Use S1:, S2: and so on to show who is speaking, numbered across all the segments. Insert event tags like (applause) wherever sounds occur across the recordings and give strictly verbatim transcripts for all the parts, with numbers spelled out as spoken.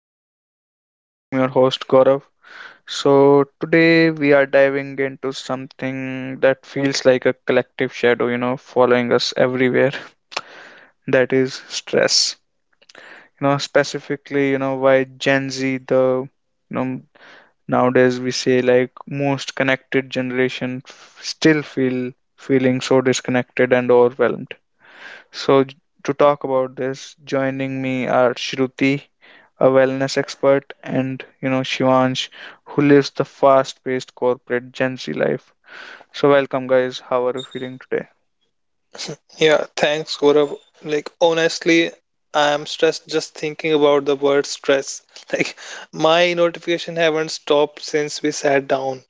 S1: my show. I am your host Gaurav. So, today we are diving into something that feels like a collective shadow, you know, following us everywhere. That is stress. You know, specifically, you know, why Gen Z, the, you know, nowadays we say like most connected generation, f- still feel feeling so disconnected and overwhelmed. So, j- to talk about this, joining me are Shruti, a wellness expert, and you know, Shivansh, who lives the fast paced corporate Gen Z life. So, welcome, guys. How are you feeling today?
S2: Yeah, thanks, Gaurav. Like, honestly, I am stressed just thinking about the word stress. (laughs) Like, my notification haven't stopped since we sat down.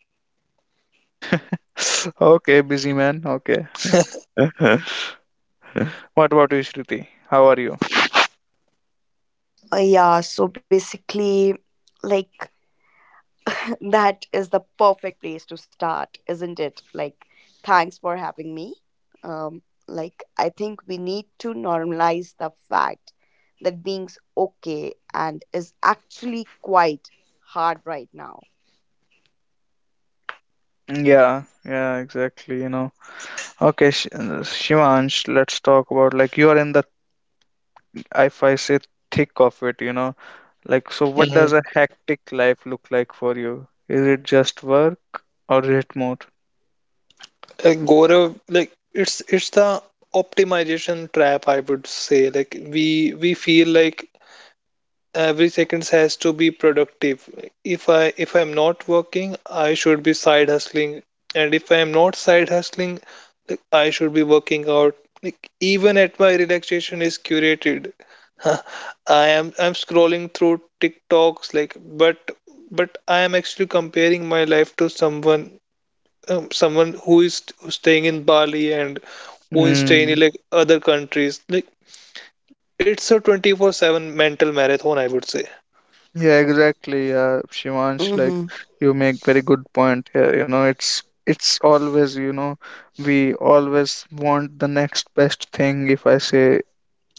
S1: (laughs) Okay, busy man. Okay. What about you, Shruti? How are you?
S3: Uh, yeah, so basically, like, (laughs) that is the perfect place to start, isn't it? Like, thanks for having me. Um, like, I think we need to normalize the fact that being's okay and is actually quite hard right now.
S1: Yeah, yeah, exactly. You know, okay, Sh- uh, Shivansh, let's talk about like you are in the, if I say, thick of it, you know like, so what
S2: Hmm
S1: does a hectic life look like for you? Is it just work or is it more?
S2: Like, Gaurav, like it's it's the optimization trap, I would say. Like, we we feel like every seconds has to be productive. If i if i'm not working, I should be side hustling, and if i'm not side hustling, like, I should be working out. Like even at my relaxation is curated. (laughs) i am i'm scrolling through tiktoks, like but but I am actually comparing my life to someone, um, someone who is who's staying in bali and who is staying
S1: Mm.
S2: in like other countries. Like it's a twenty-four seven mental marathon, I would say.
S1: Yeah, exactly. Yeah, Shivansh, like
S3: Mm-hmm.
S1: you make very good point here. You know, it's it's always, you know, we always want the next best thing. If I say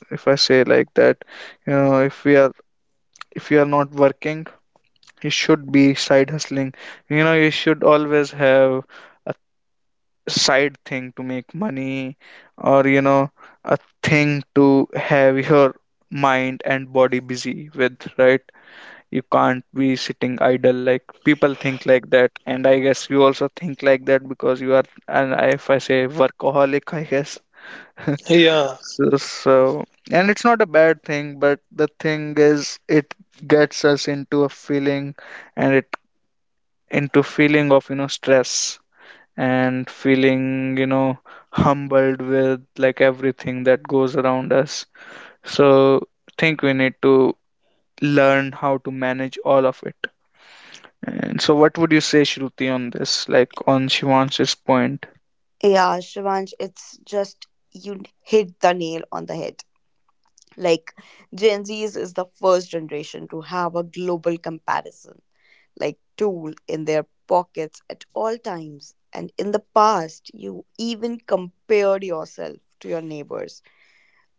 S1: if I say like that, you know, if we are if you are not working, you should be side hustling. You know, you should always have a side thing to make money or you know a thing to have your mind and body busy with, right? You can't be sitting idle. Like, people think like that, and I guess you also think like that because you are, and if I say workaholic, I guess. (laughs)
S2: Yeah.
S1: So, so, and it's not a bad thing, but the thing is it gets us into a feeling, and it into feeling of, you know stress and feeling, you know humbled with like everything that goes around us. So think we need to learn how to manage all of it. And so what would you say, Shruti, on this, like on Shivansh's point?
S3: Yeah, Shivansh, it's just you hit the nail on the head. Like, Gen Zs is the first generation to have a global comparison like tool in their pockets at all times. And in the past, you even compared yourself to your neighbors.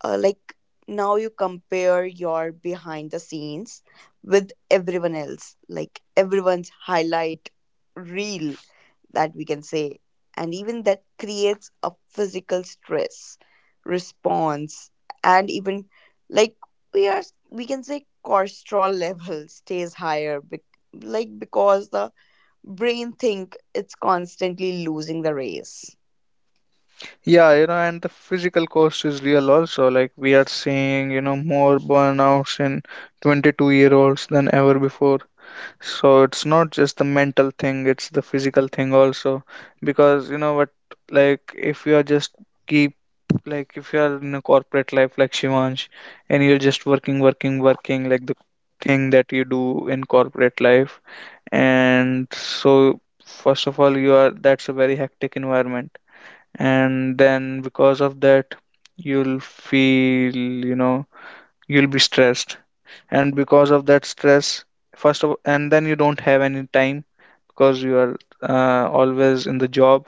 S3: Uh, like now, you compare your behind the scenes with everyone else, like everyone's highlight reel that we can say. And even that creates a physical stress response, and even like we are we can say cortisol level (laughs) stays higher bec- like because the brain think it's constantly losing the race.
S1: Yeah, you know and the physical cost is real also. Like we are seeing, you know more burnouts in twenty-two year olds than ever before. So it's not just the mental thing, it's the physical thing also. Because you know what, like if you are just keep, like if you are in a corporate life like Shivansh, and you're just working, working, working, like the thing that you do in corporate life. And so first of all you are, that's a very hectic environment. And then because of that you'll feel, you know, you'll be stressed, and because of that stress first of, and then you don't have any time because you are uh, always in the job,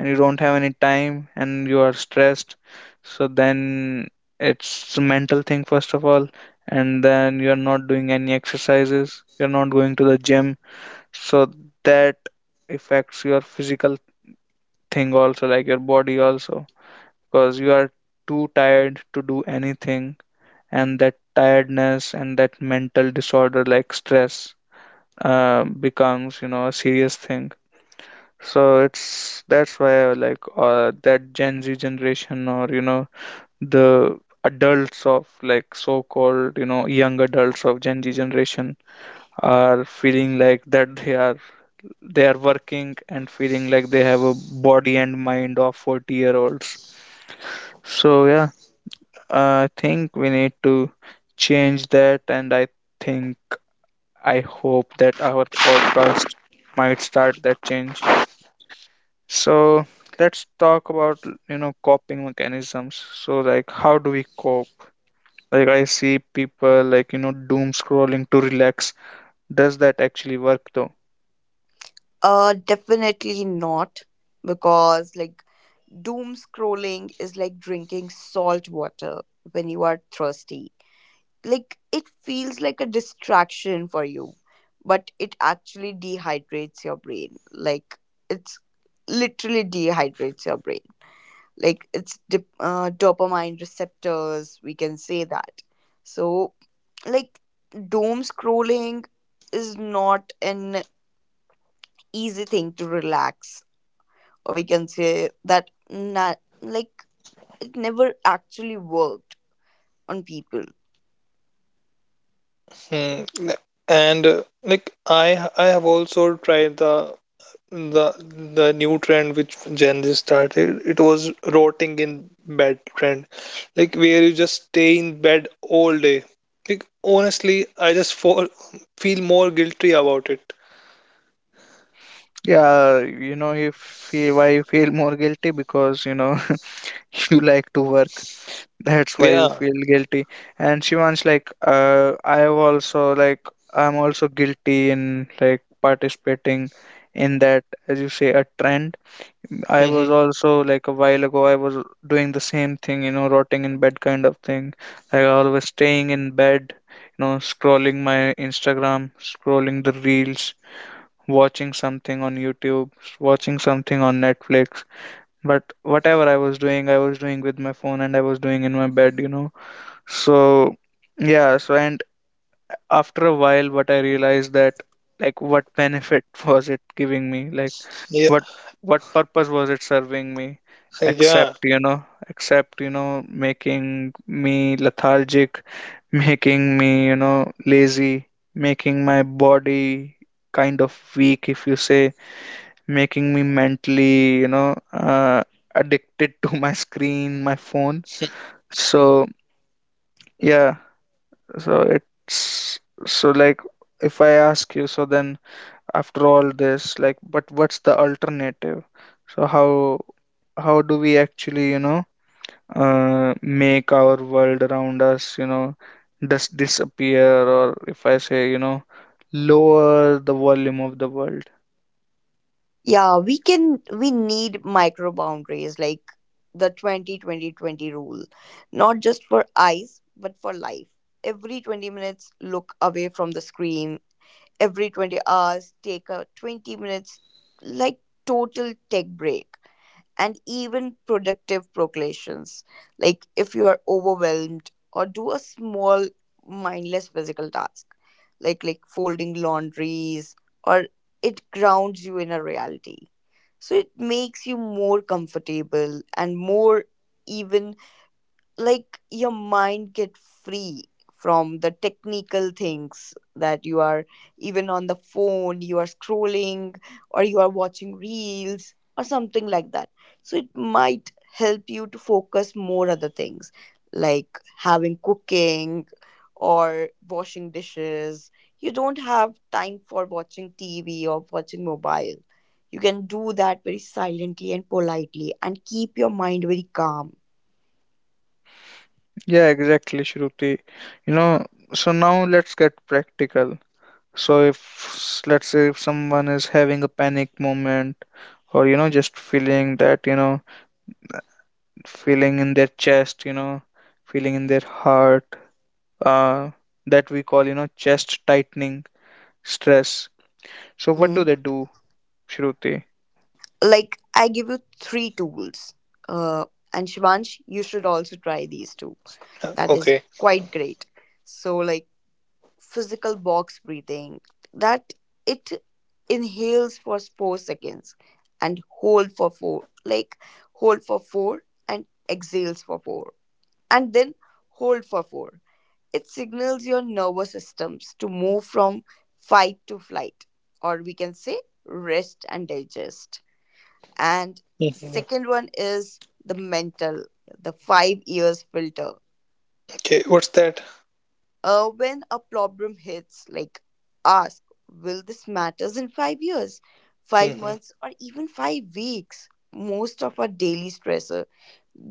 S1: and you don't have any time and you are stressed. So then it's a mental thing, first of all. And then you are not doing any exercises, you're not going to the gym. So that affects your physical thing also, like your body also, because you are too tired to do anything. And that tiredness and that mental disorder like stress uh, becomes you know a serious thing. So it's that's why like uh, that Gen Z generation, or you know the adults of like so-called you know young adults of Gen Z generation are feeling like that they are, they are working and feeling like they have a body and mind of forty year olds. So yeah, uh, I think we need to change that, and I think I hope that our podcast might start that change. So let's talk about you know coping mechanisms. So like how do we cope? Like I see people like you know doom scrolling to relax. Does that actually work though?
S3: uh Definitely not, because like doom scrolling is like drinking salt water when you are thirsty. Like, it feels like a distraction for you, but it actually dehydrates your brain. Like, it's literally dehydrates your brain. Like, it's dip, uh, dopamine receptors we can say that. So, like, doom scrolling is not an easy thing to relax, or we can say that not, like, it never actually worked on people.
S2: Hmm. n- And uh, Like I I have also tried the the the new trend which Gen Z started. It was rotting in bed trend, like where you just stay in bed all day. Like honestly, I just fall, feel more guilty about it.
S1: Yeah, you know if why you feel more guilty, because you know (laughs) you like to work. That's why you
S2: Yeah.
S1: feel guilty. And Shivansh, like, uh, I have also like I'm also guilty in like participating in that, as you say, a trend. I was
S2: hmm
S1: also like a while ago, I was doing the same thing, you know, rotting in bed kind of thing. Like I always staying in bed, you know, scrolling my Instagram, scrolling the reels, watching something on YouTube, watching something on Netflix. But whatever I was doing, I was doing with my phone and I was doing in my bed, you know so yeah, so and after a while what I realized that like what benefit (laughs) was it giving me? Like
S2: Yeah.
S1: what what purpose was it serving me?
S2: Yeah.
S1: Except, you know, except, you know, making me lethargic, (laughs) making me, you know, lazy, making my body kind of weak, if you say, making me mentally, you know, uh, addicted (laughs) to my screen, my phone. So yeah, so it's so like if I ask you, so then after all this, like, but what's the alternative? So how how do we actually, you know, uh, make our world around us, you know, just disappear, or if I say, you know, lower the volume of the world?
S3: Yeah, we can we need micro boundaries like the twenty twenty twenty rule. Not just for eyes, but for life. Every twenty minutes look away from the screen. Every twenty hours take a twenty minutes like total tech break and even productive proclamations. Like if you are overwhelmed or do a small mindless physical task, like like folding laundries or it grounds you in a reality. So it makes you more comfortable and more, even like your mind get free from the technical things that you are. Even on the phone you are scrolling or you are watching reels or something like that, so it might help you to focus more other things like having, cooking, or washing dishes. You don't have time for watching T V or watching mobile. You can do that very silently and politely and keep your mind very calm.
S1: Yeah, exactly, Shruti. You know, so now let's get practical. So if s- let's say if someone is having a panic moment, or you know just feeling that you know feeling in their chest, you know feeling in their heart, uh, that we call you know chest tightening stress. So what do
S3: Mm-hmm.
S1: they do, Shruti?
S3: Like, I give you three tools. Uh, and Shivansh, you should also try these two. That is
S2: Okay.
S3: quite great. So, like, physical box breathing, that it inhales for four seconds and hold for four, like hold for four, and exhales for four, and then hold for four. It signals your nervous systems to move from fight to flight, or we can say rest and digest. And the
S2: hmm
S3: second one is the mental, the five years filter.
S2: Okay. What's that?
S3: Uh, when a problem hits, like, ask, will this matters in five years, five
S2: Hmm
S3: months, or even five weeks? Most of our daily stressor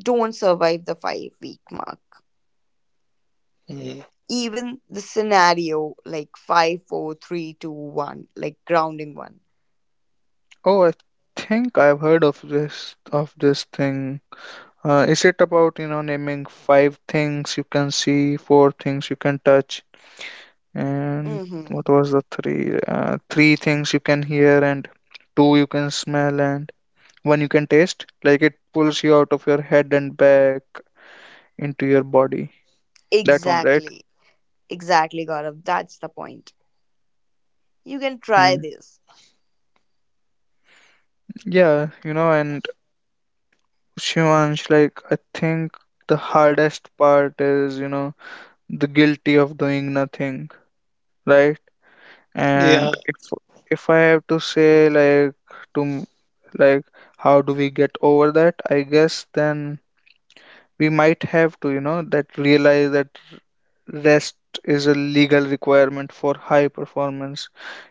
S3: don't survive the five week mark.
S2: hmm
S3: Even the scenario like five, four, three, two, one, like grounding one.
S1: Oh, I think I've heard of this of this thing. Uh, is it about you know naming five things you can see, four things you can touch, and
S3: Mm-hmm.
S1: what was the three? Uh, three things you can hear, and two you can smell, and one you can taste. Like it pulls you out of your head and back into your body. That one, right?
S3: Exactly. Exactly, Gaurav. That's the point. You can try
S1: Mm.
S3: this.
S1: Yeah, you know, and Shivansh, like, I think the hardest part is, you know, the guilty of doing nothing, right? And
S2: Yeah.
S1: if if I have to say, like, to m- like, how do we get over that? I guess then we might have to you know that realize that rest is a legal requirement for high performance,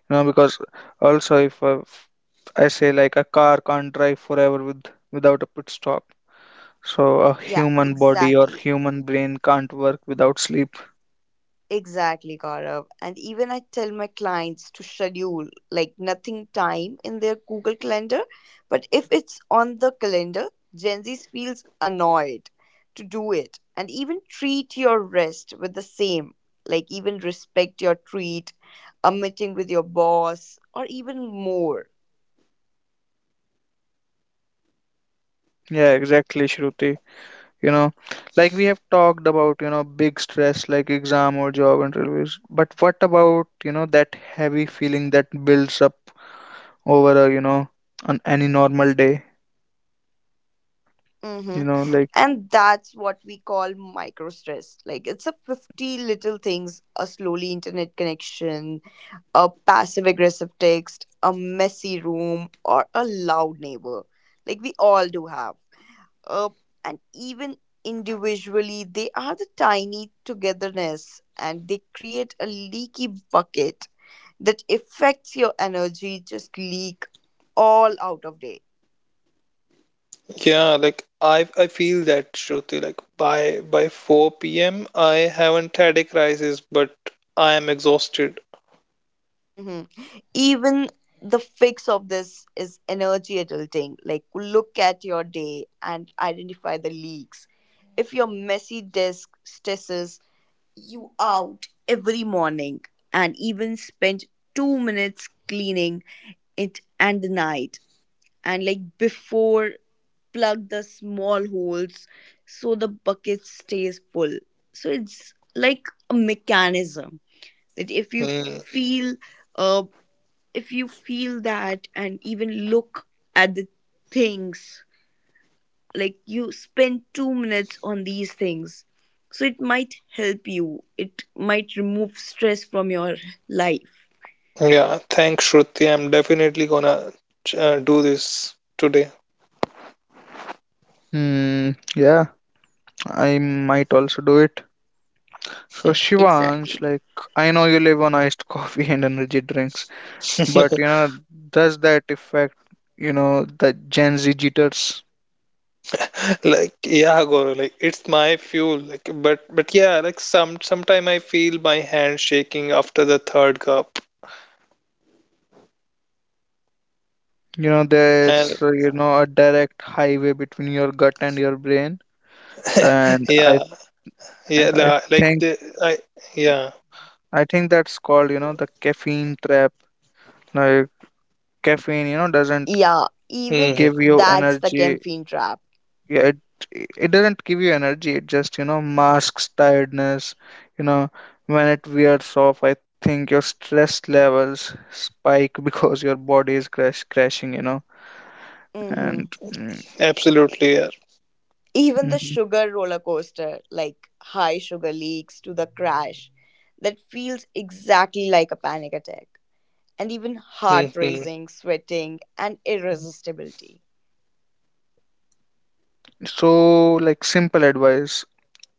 S1: you know because also if I, I say like a car can't drive forever with without a pit stop. So a
S3: Yeah,
S1: human body or
S3: exactly.
S1: human brain can't work without sleep.
S3: Exactly, Gaurav. And even I tell my clients to schedule like nothing time in their Google Calendar, but if it's on the calendar, Gen Z feels annoyed to do it. And even treat your rest with the same. Like, even respect your treat, a meeting with your boss, or even more.
S1: Yeah, exactly, Shruti. you know like we have talked about you know big stress like exam or job interviews, but what about you know that heavy feeling that builds up over a you know on any normal day. You
S3: Mm-hmm.
S1: know, like,
S3: And that's what we call micro stress. Like it's a fifty little things, a slowly internet connection, a passive aggressive text, a messy room, or a loud neighbor. Like we all do have. Uh, and even individually, they are the tiny togetherness and they create a leaky bucket that affects your energy just leak all out of day.
S2: Yeah, like I I feel that Shruti, like by by four p m. I haven't had a crisis, but I am exhausted.
S3: Hmm. Even the fix of this is energy adulting. Like, look at your day and identify the leaks. If your messy desk stresses you out every morning, and even spend two minutes cleaning it, and the night, and like before plug the small holes so the bucket stays full. So it's like a mechanism that, if you
S2: Hmm.
S3: feel uh if you feel that, and even look at the things like you spend two minutes on these things, so it might help you, it might remove stress from your life.
S2: Yeah, thanks Shruti. I'm definitely gonna uh, do this today.
S1: hmm, yeah, I might also do it. So,
S2: Hmm.
S1: Shivansh,
S3: Exactly.
S1: like, I know you live on iced (laughs) coffee and energy drinks,
S2: (laughs)
S1: but you know, does that affect, you know, the Gen Z jitters?
S2: Like yeah, Goro, like it's my fuel. Like but but yeah, like some sometime I feel my hand shaking after the third cup.
S1: You know,
S2: And
S1: there's, uh, you know, a direct highway between your gut and your brain, and
S2: yeah,
S1: I
S2: yeah,
S1: and I
S2: la- like
S1: think
S2: the I yeah.
S1: I think that's called, you know, the caffeine trap. Like, caffeine, you know, doesn't
S3: Yeah, even
S1: give you
S2: hmm hmm,
S3: that's the
S1: energy.
S3: caffeine trap.
S1: Yeah, it it doesn't give you energy, it just you know masks tiredness, you know when it wears off I think your stress levels spike (laughs) because your body is crash crashing, you know
S3: Mhm.
S1: and mm,
S2: Absolutely, yeah.
S3: Even the
S1: mhm.
S3: sugar roller coaster, like high sugar leaks to the crash, that feels exactly like a panic attack. And even heart
S2: hmm
S3: racing,
S2: hmm.
S3: sweating, and irresistibility.
S1: So like simple advice,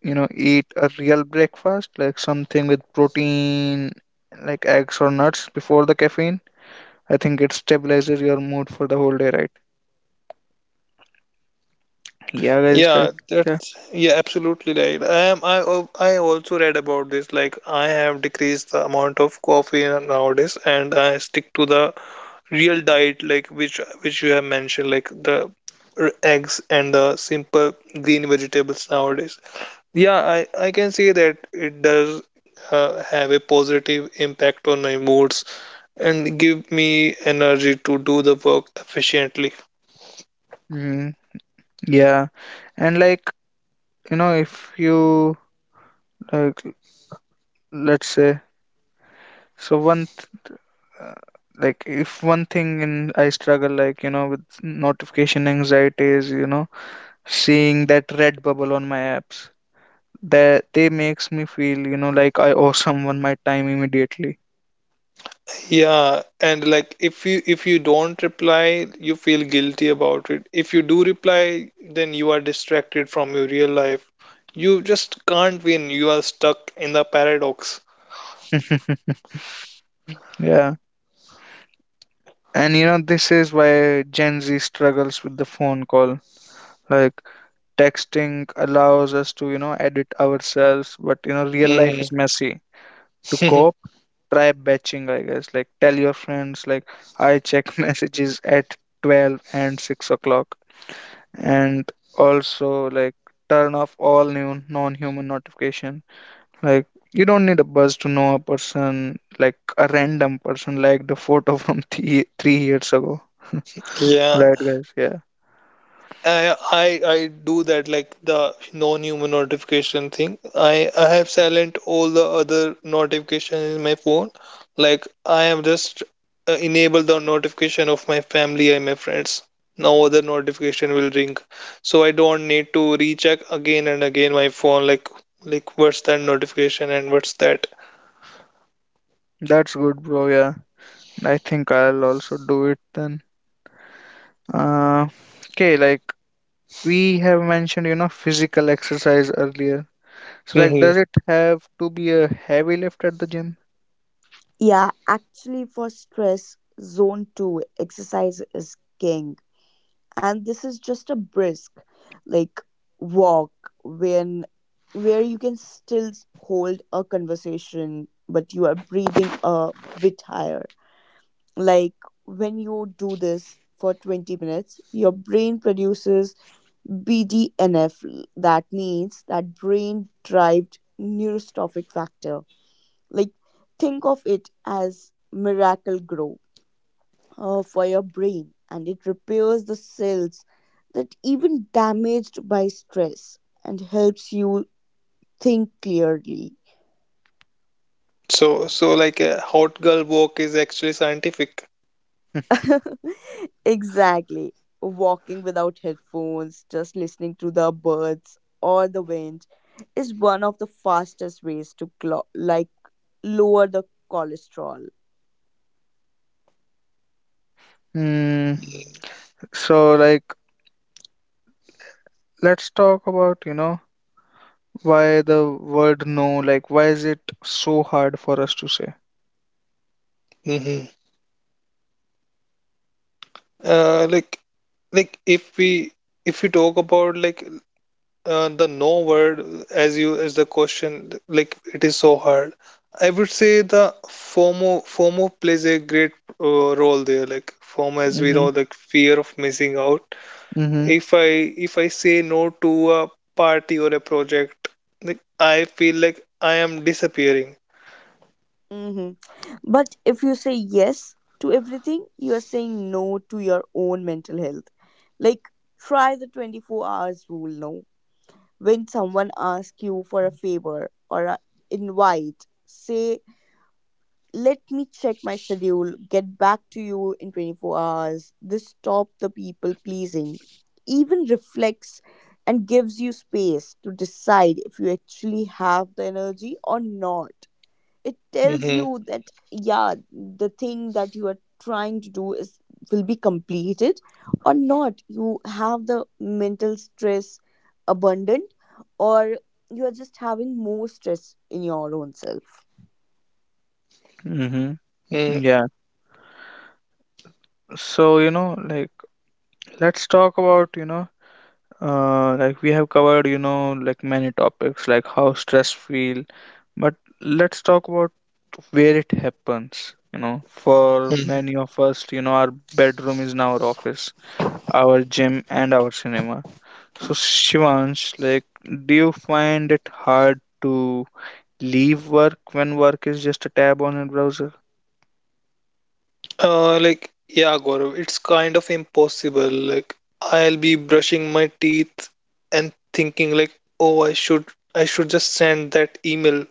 S1: you know eat a real breakfast like something with protein like eggs or nuts before the caffeine. I think it stabilizes your mood for the whole day, right? Yeah, guys, right?
S2: Yeah,
S1: Yeah.
S2: that's yeah, absolutely right. I am I al- I also read about this. Like I have decreased the amount of coffee nowadays, and I stick to the real diet, like which which you have mentioned, like the r- eggs and the simple green vegetables nowadays. Yeah, I I can say that it does uh, have a positive impact on my moods and give me energy to do the work efficiently.
S1: Mm, yeah. And like you know if you like let's say so one th- uh, like if one thing in I struggle like you know with notification anxiety is you know seeing that red bubble on my apps, that they makes me feel you know like I owe (laughs) someone my time immediately.
S2: Yeah, and like if you if you don't reply, you feel guilty about it. If you do reply, then you are distracted from your real life. You just can't win. You are stuck in the paradox.
S1: (laughs) Yeah, and you know this is why Gen Z struggles with the phone call. Like texting allows us to you know edit ourselves, but you know real life
S2: Hmm.
S1: is messy. To cope, try batching, I guess. Like tell your friends, like I check (laughs) messages at twelve and six o'clock, and also like turn off all new non-human notification. Like you don't need a buzz to know a person, like a random person, like the photo (laughs) from three three years ago. (laughs)
S2: (laughs) Yeah.
S1: Right, guys? Yeah,
S2: I I I do that like the non-human notification thing. I I have silent all the other notifications in my phone. Like I have just uh, enabled the notification of my family and my friends. No other notification will ring, so I don't need to recheck again and again my phone. Like like what's that notification and what's that?
S1: that's good, bro. Yeah, I think I'll also do it then. Uh, okay, like we have mentioned, you know, physical exercise earlier. So like,
S2: Hmm
S1: does it have to be a heavy lift at the gym?
S3: Yeah, actually, for stress, zone two exercise is king. And this is just a brisk, like, walk when where you can still hold a conversation, but you are breathing a bit higher. Like, when you do this for twenty minutes, your brain produces B D N F. That means that brain derived neurostrophic factor. Like, think of it as miracle grow uh, for your brain, and it repairs the cells that even damaged by stress and helps you think clearly.
S2: So so like a hot girl walk is actually scientific.
S1: (laughs)
S3: (laughs) Exactly. Walking without headphones, just listening to the birds or the wind, is one of the fastest ways to clo- like lower the cholesterol.
S1: Hmm. So like, let's talk about, you know, why the word no, like, why is it so hard for us to say?
S2: Mm-hmm. Uh, like like if we if we talk about like uh, the no word as you as the question, like it is so hard. I would say the FOMO FOMO plays a great uh, role there. Like FOMO, as we know,
S1: Mm-hmm.
S2: like fear of missing out.
S1: Mm-hmm.
S2: If I if I say no to a party or a project, like I feel like I am disappearing.
S3: Hmm. But if you say yes to everything, you are saying no to your own mental health. Like, try the twenty-four hours rule. No, when someone asks you for a favor or an invite, say, let me check my schedule, get back to you in twenty-four hours. This stops the people pleasing, even reflects, and gives you space to decide if you actually have the energy or not. It tells
S2: Mm-hmm.
S3: you that, yeah, the thing that you are trying to do is will be completed or not, you have the mental stress abundant, or you are just having more stress in your own self.
S1: Mm-hmm. Yeah. So, you know, like, let's talk about, you know, uh, like we have covered, you know, like many topics, like how stress feel, but let's talk about where it happens. You know, for
S2: Mm-hmm.
S1: many of us, you know, our bedroom is now our office, our gym and our cinema. So Shivansh, like do you find it hard to leave work when work is just a tab on a browser?
S2: Uh, like, yeah, Gaurav, it's kind of impossible. Like, I'll be brushing my teeth and thinking like, oh, I should, I should just send that email.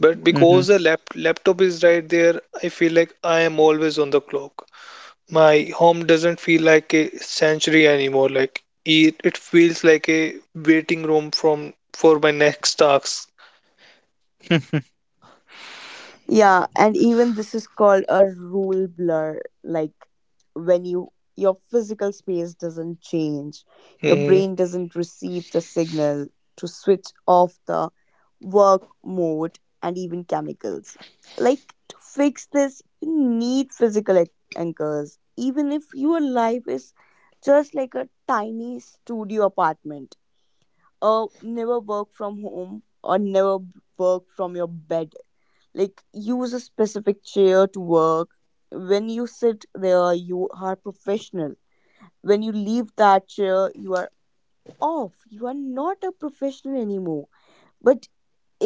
S2: But
S1: Hmm.
S2: because the lap laptop is right there, I feel like I am always on the clock. My home doesn't feel like a sanctuary anymore. Like, it, it feels like a waiting room from for my next tasks.
S1: (laughs)
S3: Yeah, and even this is called a rule blur. Like, when you your physical space doesn't change, your
S2: Hmm
S3: brain doesn't receive the signal to switch off the work mode and even chemicals. Like, to fix this, you need physical an- anchors, even if your life is just like a tiny studio apartment. Uh, never work from home, or never work from your bed. Like, use a specific chair to work. When you sit there you are professional. When you leave that chair you are off, you are not a professional anymore. But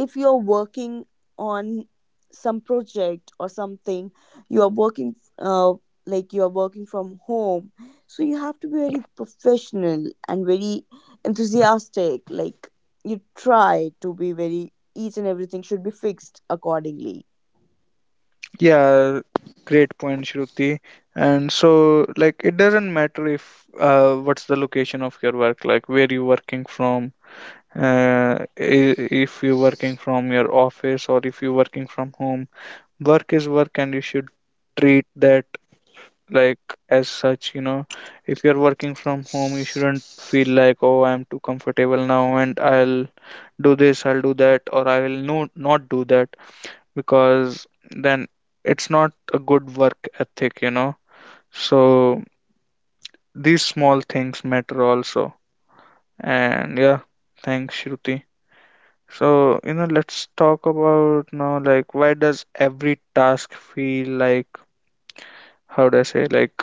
S3: if you're working on some project or something, you are working uh, like you are working from home, so you have to be very professional and very enthusiastic. Like, you try to be very, each and everything should be fixed accordingly.
S1: Yeah, great point, Shruti. And so, like, it doesn't matter if uh, what's the location of your work, like where you working from, uh, i- if you're working from your office or if you're working from home. Work is work, and you should treat that like as such, you know if you're working from home you shouldn't feel like, oh, I'm too comfortable now and I'll do this, I'll do that, or I will no not do that. Because then it's not a good work ethic, you know so these small things matter also. And yeah, thanks, Shruti. So you know let's talk about now like why does every task feel like how do I say like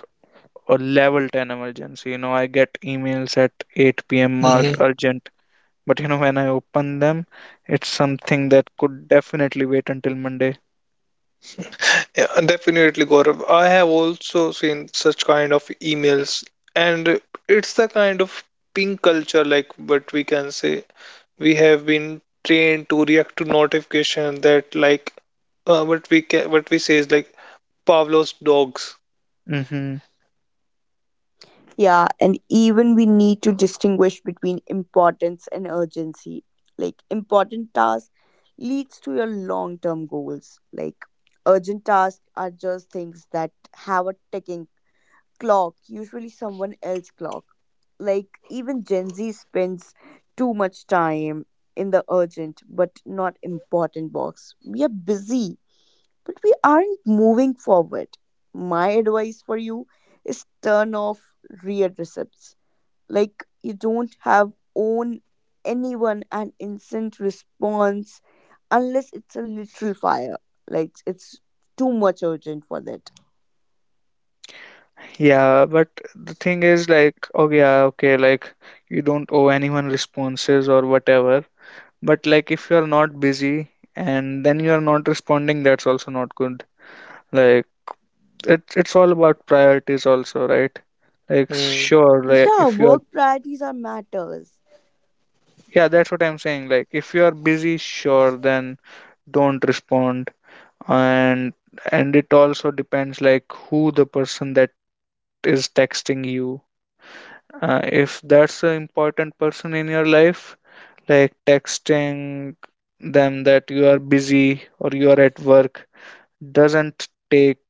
S1: or level ten emergency. You know, I get emails at eight p m marked urgent, but you know, when I open them, it's something that could definitely wait until Monday.
S2: Yeah, definitely, Gaurav. I have also seen such kind of emails, and it's the kind of ping culture, like what we can say. We have been trained to react to notification that, like, uh, what we can, what we say is like Pavlov's dogs.
S1: Mm-hmm.
S3: Yeah, and even we need to distinguish between importance and urgency. Like important task leads to your long-term goals. Like urgent tasks are just things that have a ticking clock, usually someone else clock. Like even Gen Z spends too much time in the urgent but not important box. We are busy, but we aren't moving forward. My advice for you is turn off read receipts, like you don't have own anyone an instant response unless it's a literal fire, like it's too much urgent for that.
S1: Yeah, but the thing is, like, oh, yeah, okay, like, you don't owe anyone responses or whatever, but like, if you're not busy and then you're not responding, that's also not good. Like, it, it's all about priorities, also, right? Like,
S2: Hmm.
S1: sure, like,
S3: Yeah,
S1: if you're,
S3: work priorities are matters.
S1: yeah, that's what I'm saying. Like if you're busy, sure, then don't respond. and and it also depends like who the person that is texting you. uh, if that's an important person in your life, like texting them that you are busy or you are at work doesn't take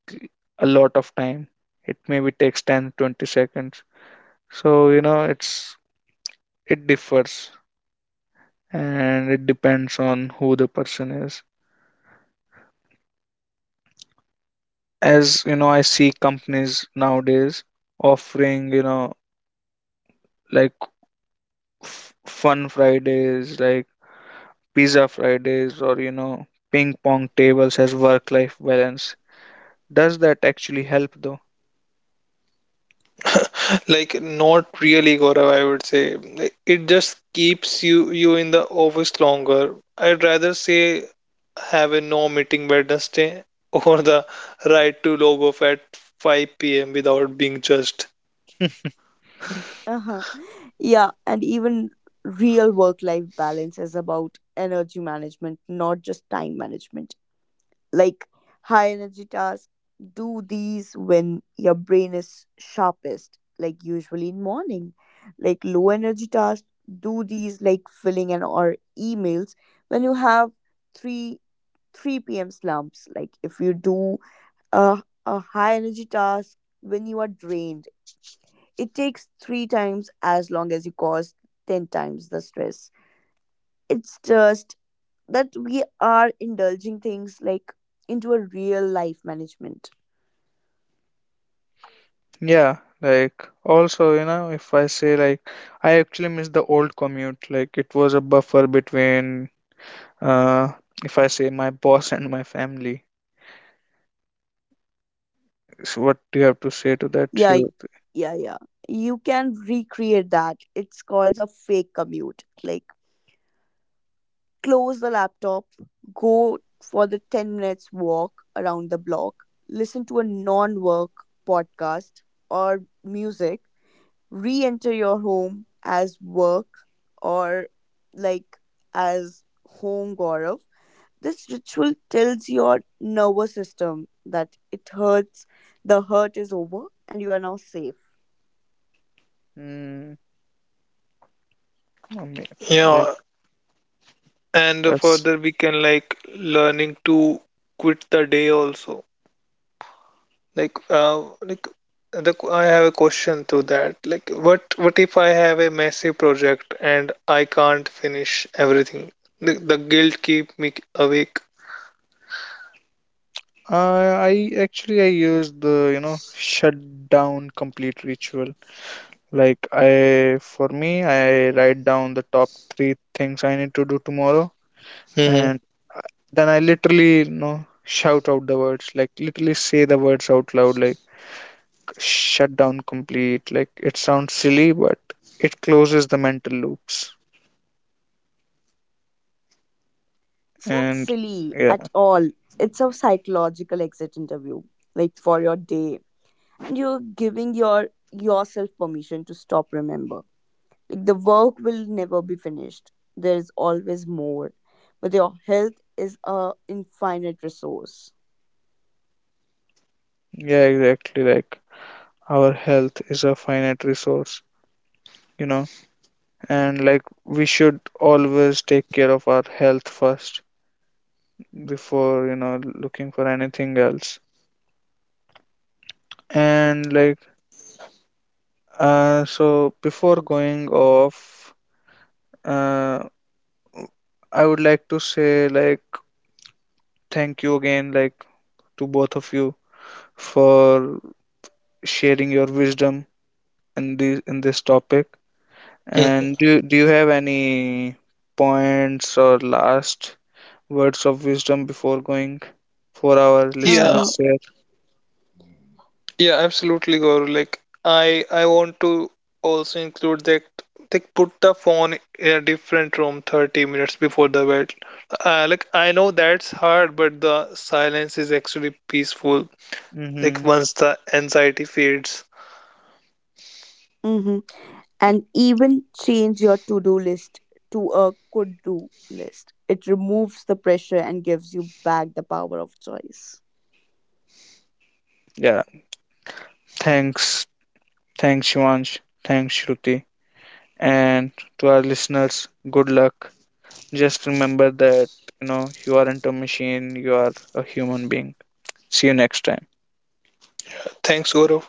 S1: a lot of time. It maybe takes ten, twenty seconds. So you know it's, it differs, and it depends on who the person is. As you know I see companies nowadays offering you know like f- fun Fridays, like pizza Fridays, or you know ping pong tables as work life balance. Does that actually help though?
S2: Like not really, Gaurav, I would say. Like, it just keeps you you in the office longer. I'd rather say have a no meeting Wednesday (laughs) or the right to log off at five p m without being judged.
S1: (laughs)
S3: Uh-huh. Yeah, and even real work life balance is about energy management, not just time management. Like high energy tasks, do these when your brain is sharpest, like usually in morning. Like low energy tasks, do these like filling and or emails when you have 3 3 p.m. slumps. Like if you do a, a high energy task when you are drained, it takes three times as long as you cause ten times the stress. It's just that we are indulging things like into a real life management.
S1: Yeah, like also you know if I say like I actually miss the old commute. Like it was a buffer between uh if I say my boss and my family. So what do you have to
S3: Uh,
S1: say to that,
S3: Yeah, y-
S1: Shoot?
S3: yeah, yeah. You can recreate that. It's called a fake commute. Like, close the laptop, go for the ten minutes walk around the block, listen to a non work podcast or music, re enter your home as work or like as home, Gaurav. This ritual tells your nervous system that it hurts, the hurt is over, and you are now safe.
S1: Mm, I mean, like
S2: Yeah, and
S1: that's
S2: further we can like learning to quit the day also. Like, uh, like the I have a question to that. Like, what what if I have a massive project and I can't finish everything? The, the guilt keep me awake.
S1: Uh, I actually I use the you know shut down complete ritual. Like I for me I write down the top three things I need to do tomorrow,
S2: Hmm
S1: and I- then I literally you know shout out the words, like literally say the words out loud like shut down complete. Like it sounds silly, but it closes the mental loops.
S3: It's not
S1: And
S3: silly
S1: yeah,
S3: at all. It's a psychological exit interview, like for your day. And you're giving your yourself permission to stop remember. Like the work will never be finished. There is always more. But your health is a infinite resource.
S1: yeah, exactly. Like our health is a finite resource, you know and like we should always take care of our health first before you know looking for anything else. And like uh so before going off, uh I would like to say like thank you again like to both of you for sharing your wisdom in this in this topic. And do do you have any points or last words of wisdom before going for our
S2: Yeah,
S3: Uh-huh.
S1: listeners?
S2: yeah, absolutely, Gaurav. Like, I I want to also include that. Like, put the phone in a different room thirty minutes before the bed. Uh, like, I know that's hard, but the silence is actually peaceful. Like,
S1: Mm-hmm.
S2: once the anxiety fades.
S3: Mm-hmm. And even change your to do list to a could do list. It removes the pressure and gives you back the power of choice.
S1: Yeah. Thanks. Thanks, Shivansh. Thanks, Shruti. And to our listeners, good luck. Just remember that, you know, you aren't a machine, you are a human being. See you next time.
S2: Thanks, Gaurav.